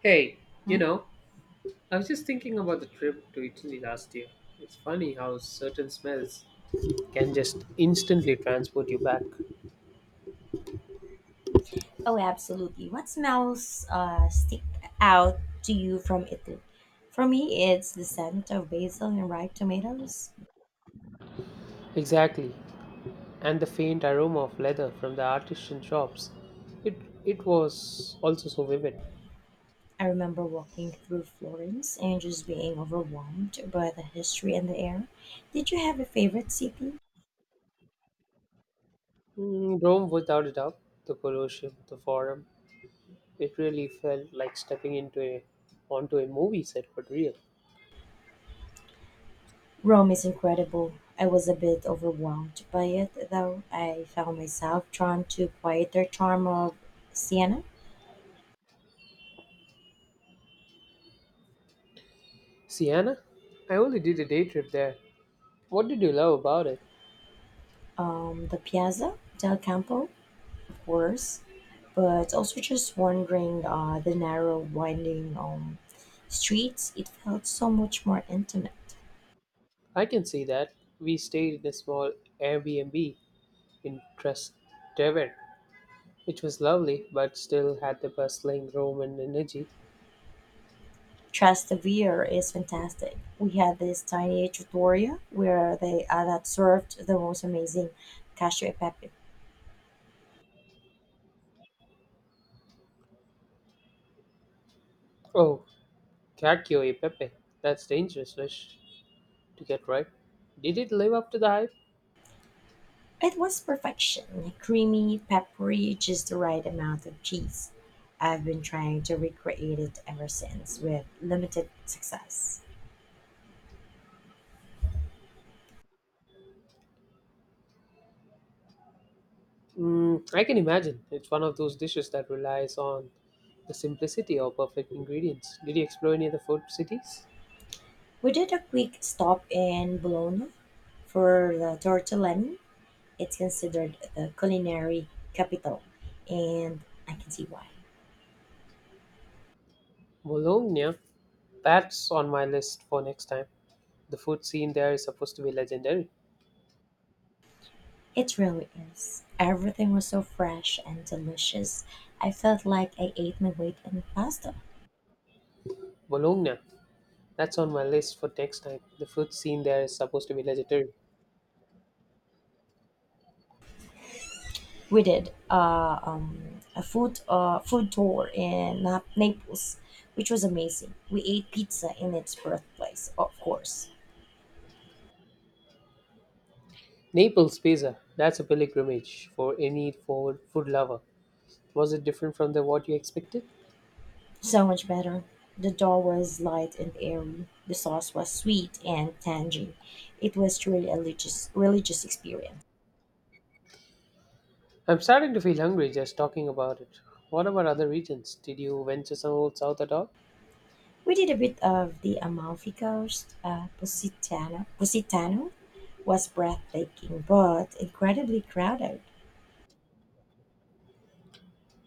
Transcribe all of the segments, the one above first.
Hey, you Mhm. know, I was just thinking about the trip to Italy last year. It's funny how certain smells can just instantly transport you back. Oh, absolutely. What smells stick out to you from Italy? For me, it's the scent of basil and ripe tomatoes. Exactly. And the faint aroma of leather from the artisan shops. It it was also so vivid. I remember walking through Florence and just being overwhelmed by the history and the air. Did you have a favorite city? Mm, Rome without a doubt, the Colosseum, the Forum. It really felt like stepping into a onto a movie set but real. Rome is incredible. I was a bit overwhelmed by it, though. I found myself drawn to quieter charm of Siena. Siena? I only did a day trip there. What did you love about it? The Piazza del Campo, worse. But also just wandering the narrow, winding, streets, it felt so much more intimate. I can see that. We stayed in a small Airbnb in Trastevere, which was lovely but still had the bustling Roman energy. Trastevere is fantastic. We had this tiny trattoria where they that served the most amazing cacio e pepe. Oh, Cacchio e Pepe, that's dangerous dish to get right. Did it live up to the hype? It was perfection, creamy, peppery, just the right amount of cheese. I've been trying to recreate it ever since with limited success. Mm, I can imagine. It's one of those dishes that relies on the simplicity of perfect ingredients. Did you explore any of the food cities? We did a quick stop in Bologna for the tortellini. It's considered the culinary capital, and I can see why. Bologna, that's on my list for next time. The food scene there is supposed to be legendary. It really is. Everything was so fresh and delicious. I felt like I ate my weight in pasta. Bologna, that's on my list for next time. The food scene there is supposed to be legendary. We did a food tour in Naples, which was amazing. We ate pizza in its birthplace, of course. Naples pizza. That's a pilgrimage for any forward food lover. Was it different from the what you expected? So much better. The dough was light and airy. The sauce was sweet and tangy. It was truly a religious experience. I'm starting to feel hungry just talking about it. What about other regions? Did you venture some old south at all? We did a bit of the Amalfi Coast. Positano was breathtaking, but incredibly crowded.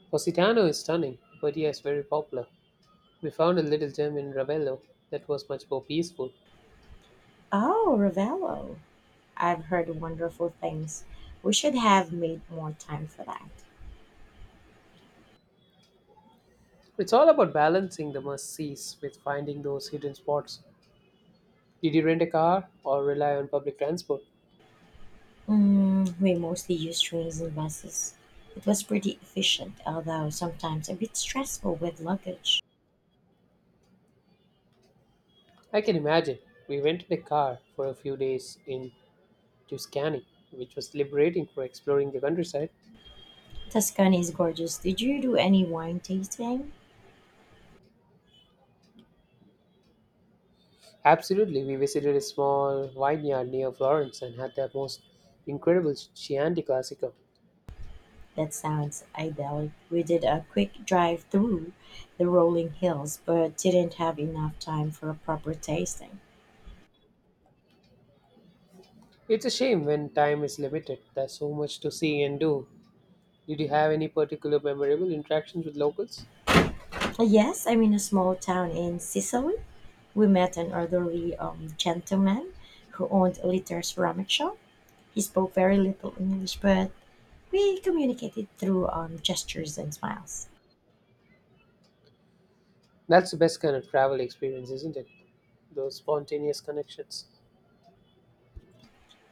Positano is stunning, but yes, very popular. We found a little gem in Ravello that was much more peaceful. Oh, Ravello. I've heard wonderful things. We should have made more time for that. It's all about balancing the must sees with finding those hidden spots. Did you rent a car or rely on public transport? Mm, we mostly used trains and buses. It was pretty efficient, although sometimes a bit stressful with luggage. I can imagine. We rented a car for a few days in Tuscany, which was liberating for exploring the countryside. Tuscany is gorgeous. Did you do any wine tasting? Absolutely, we visited a small vineyard near Florence and had the most incredible Chianti Classico. That sounds idyllic. We did a quick drive through the rolling hills, but didn't have enough time for a proper tasting. It's a shame when time is limited. There's so much to see and do. Did you have any particular memorable interactions with locals? Yes, I'm in a small town in Sicily. We met an elderly gentleman who owned a little ceramic shop. He spoke very little English, but we communicated through gestures and smiles. That's the best kind of travel experience, isn't it? Those spontaneous connections.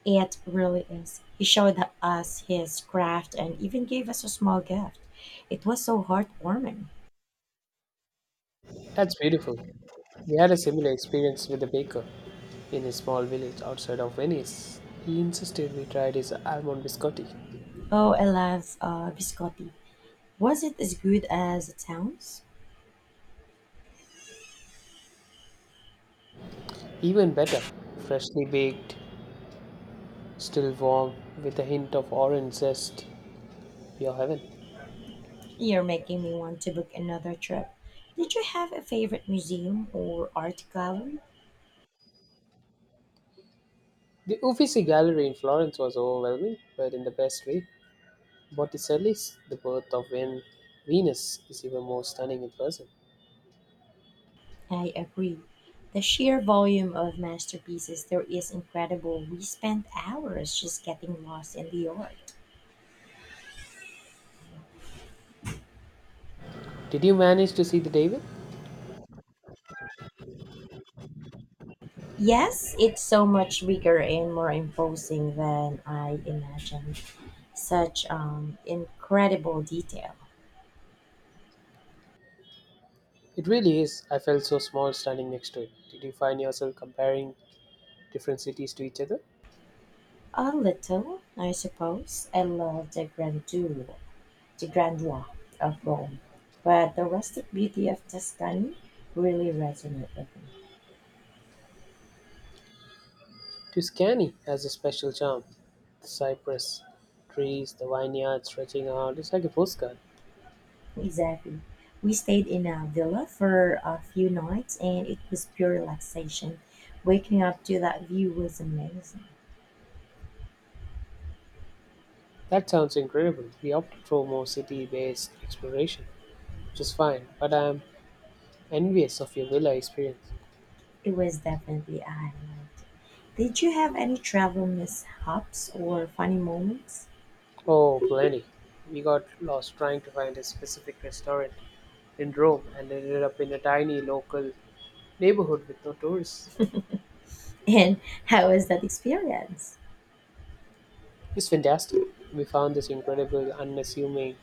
It really is. He showed us his craft and even gave us a small gift. It was so heartwarming. That's beautiful. We had a similar experience with a baker in a small village outside of Venice. He insisted we tried his almond biscotti. Oh, I love biscotti. Was it as good as it sounds? Even better, freshly baked, still warm, with a hint of orange zest. Pure heaven. You're making me want to book another trip. Did you have a favorite museum or art gallery? The Uffizi Gallery in Florence was overwhelming, but in the best way. Botticelli's The Birth of Venus is even more stunning in person. I agree. The sheer volume of masterpieces there is incredible. We spent hours just getting lost in the art. Did you manage to see the David? Yes, it's so much bigger and more imposing than I imagined. Such incredible detail. It really is. I felt so small standing next to it. Did you find yourself comparing different cities to each other. A little, I suppose. I love the grandeur of Rome, but the rustic beauty of Tuscany really resonated with me. Tuscany has a special charm. The cypress trees, the vineyard stretching out, it's like a postcard. Exactly. We stayed in a villa for a few nights, and it was pure relaxation. Waking up to that view was amazing. That sounds incredible. We opted for more city based exploration, which is fine, but I'm envious of your villa experience. It was definitely a highlight. Did you have any travel mishaps or funny moments? Oh, plenty. We got lost trying to find a specific restaurant in Rome and ended up in a tiny local neighborhood with no tourists. And how was that experience? It's fantastic. We found this incredible, unassuming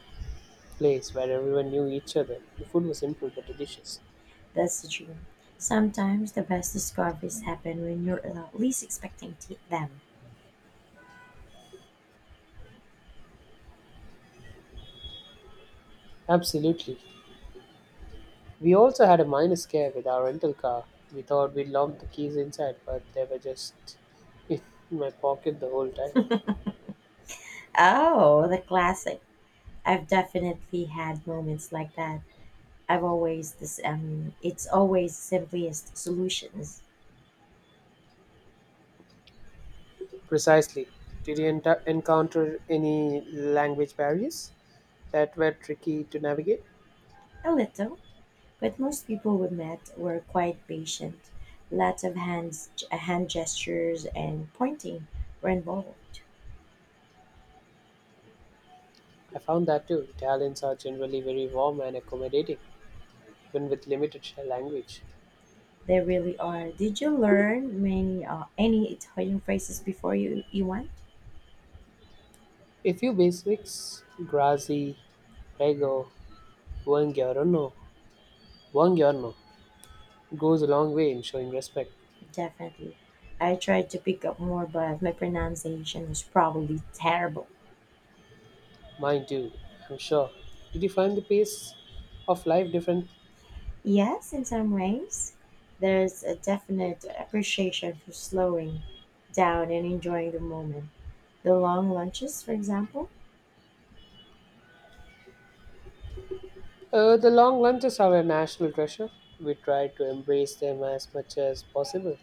place where everyone knew each other. The food was simple but delicious. That's the dream. Sometimes the best discoveries happen when you're least expecting them. Absolutely. We also had a minor scare with our rental car. We thought we locked the keys inside, but they were just in my pocket the whole time. Oh, the classic. I've definitely had moments like that. I've always this. It's always simplest solutions. Precisely. Did you encounter any language barriers that were tricky to navigate? A little. But most people we met were quite patient. Lots of hand gestures and pointing were involved. I found that too. Italians are generally very warm and accommodating, even with limited language. They really are. Did you learn many any Italian phrases before you went? A few basics, grazie, prego, buongiorno, buongiorno goes a long way in showing respect. Definitely. I tried to pick up more, but my pronunciation was probably terrible. Mine too, I'm sure. Did you find the pace of life different? Yes, in some ways, there's a definite appreciation for slowing down and enjoying the moment. The long lunches, for example. The long lunches are a national treasure. We try to embrace them as much as possible.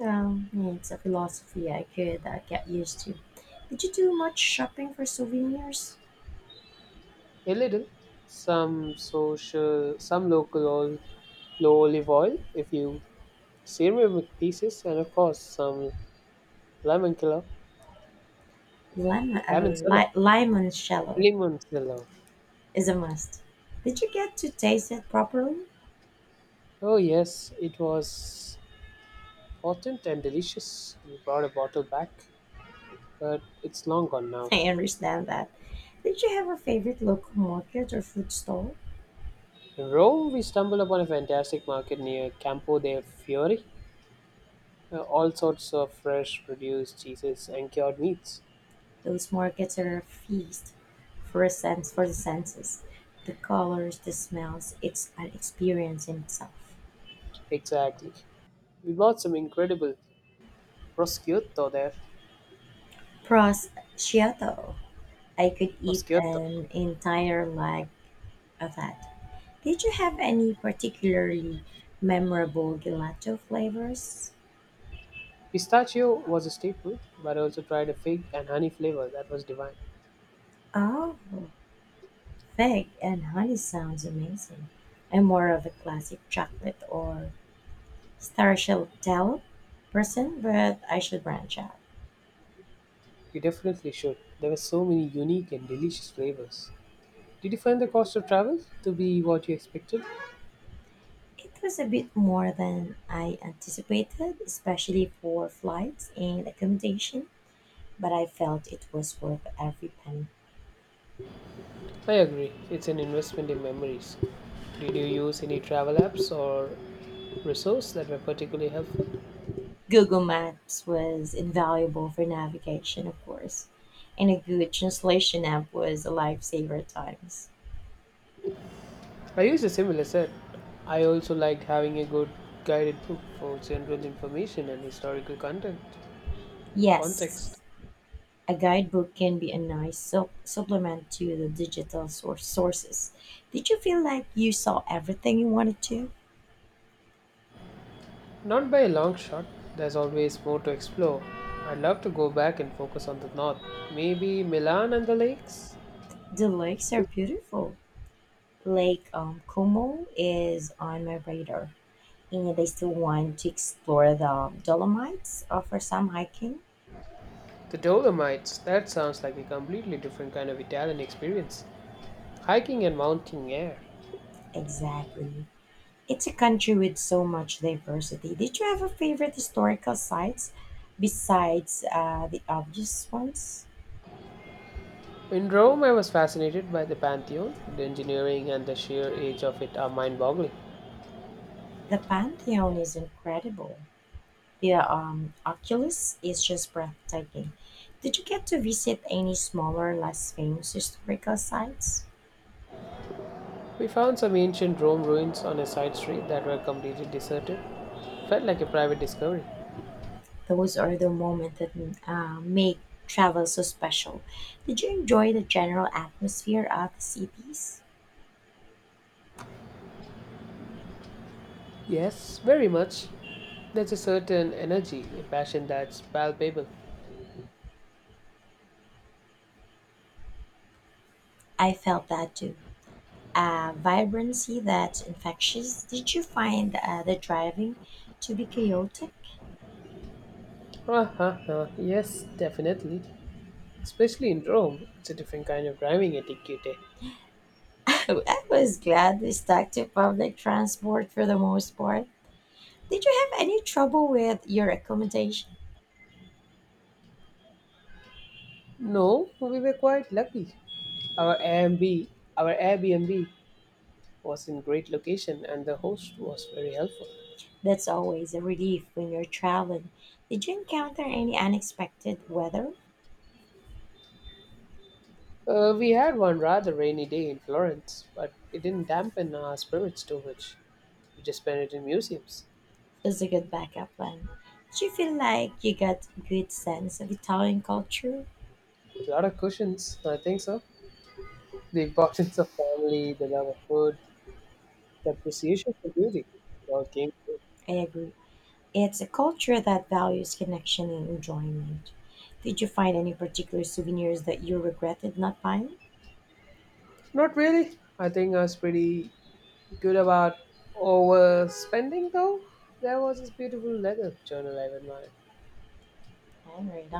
Um, it's a philosophy I could get used to. Did you do much shopping for souvenirs? A little, some social, some local oil, low olive oil, if you ceramic pieces, and of course some lemon killer, lemon cellar, Limoncello lemon cellar. is a must. Did you get to taste it properly? Oh yes, it was potent and delicious. We brought a bottle back, but it's long gone now. I understand that. Did you have a favorite local market or food stall? In Rome, we stumbled upon a fantastic market near Campo de Fiori. All sorts of fresh produce, cheeses, and cured meats. Those markets are a feast for the senses. The colors, the smells, it's an experience in itself. Exactly. We bought some incredible prosciutto there. Prosciutto. I could eat Prosciutto. an entire leg of that. Did you have any particularly memorable gelato flavors? Pistachio was a staple, but I also tried a fig and honey flavor that was divine. Oh, fig and honey sounds amazing. I'm more of a classic chocolate or stracciatella person, but I should branch out. You definitely should. There were so many unique and delicious flavors. Did you find the cost of travel to be what you expected? It was a bit more than I anticipated, especially for flights and accommodation, but I felt it was worth every penny. I agree. It's an investment in memories. Did you use any travel apps or resource that were particularly helpful? Google Maps was invaluable for navigation, of course, and a good translation app was a lifesaver at times. I used a similar set. I also liked having a good guided book for general information and historical content context. Yes, a guidebook can be a nice supplement to the digital sources. Did you feel like you saw everything you wanted to? Not by a long shot. There's always more to explore. I'd love to go back and focus on the north. Maybe Milan and the lakes? The lakes are beautiful. Lake Como is on my radar, and I still want to explore the Dolomites for some hiking. The Dolomites. That sounds like a completely different kind of Italian experience. Hiking and mountain air. Exactly. It's a country with so much diversity. Did you have a favorite historical sites besides the obvious ones? In Rome, I was fascinated by the Pantheon. The engineering and the sheer age of it are mind boggling. The Pantheon is incredible. The Oculus is just breathtaking. Did you get to visit any smaller, less famous historical sites? We found some ancient Rome ruins on a side street that were completely deserted. Felt like a private discovery. Those are the moments that make travel so special. Did you enjoy the general atmosphere of the cities? Yes, very much. There's a certain energy, a passion that's palpable. I felt that too. Vibrancy that's infectious. Did you find the driving to be chaotic? Ah. Yes, definitely. Especially in Rome, it's a different kind of driving etiquette. I was glad we stuck to public transport for the most part. Did you have any trouble with your accommodation? No, we were quite lucky. Our Airbnb, our Airbnb was in great location and the host was very helpful. That's always a relief when you're traveling. Did you encounter any unexpected weather? We had one rather rainy day in Florence, but it didn't dampen our spirits too much. We just spent it in museums. It's a good backup plan. Did you feel like you got good sense of Italian culture? A lot of cushions, I think so. The importance of family, the love of food, the appreciation for beauty. It all came through. I agree. It's a culture that values connection and enjoyment. Did you find any particular souvenirs that you regretted not buying? Not really. I think I was pretty good about overspending, though. There was this beautiful leather journal I admired. All right,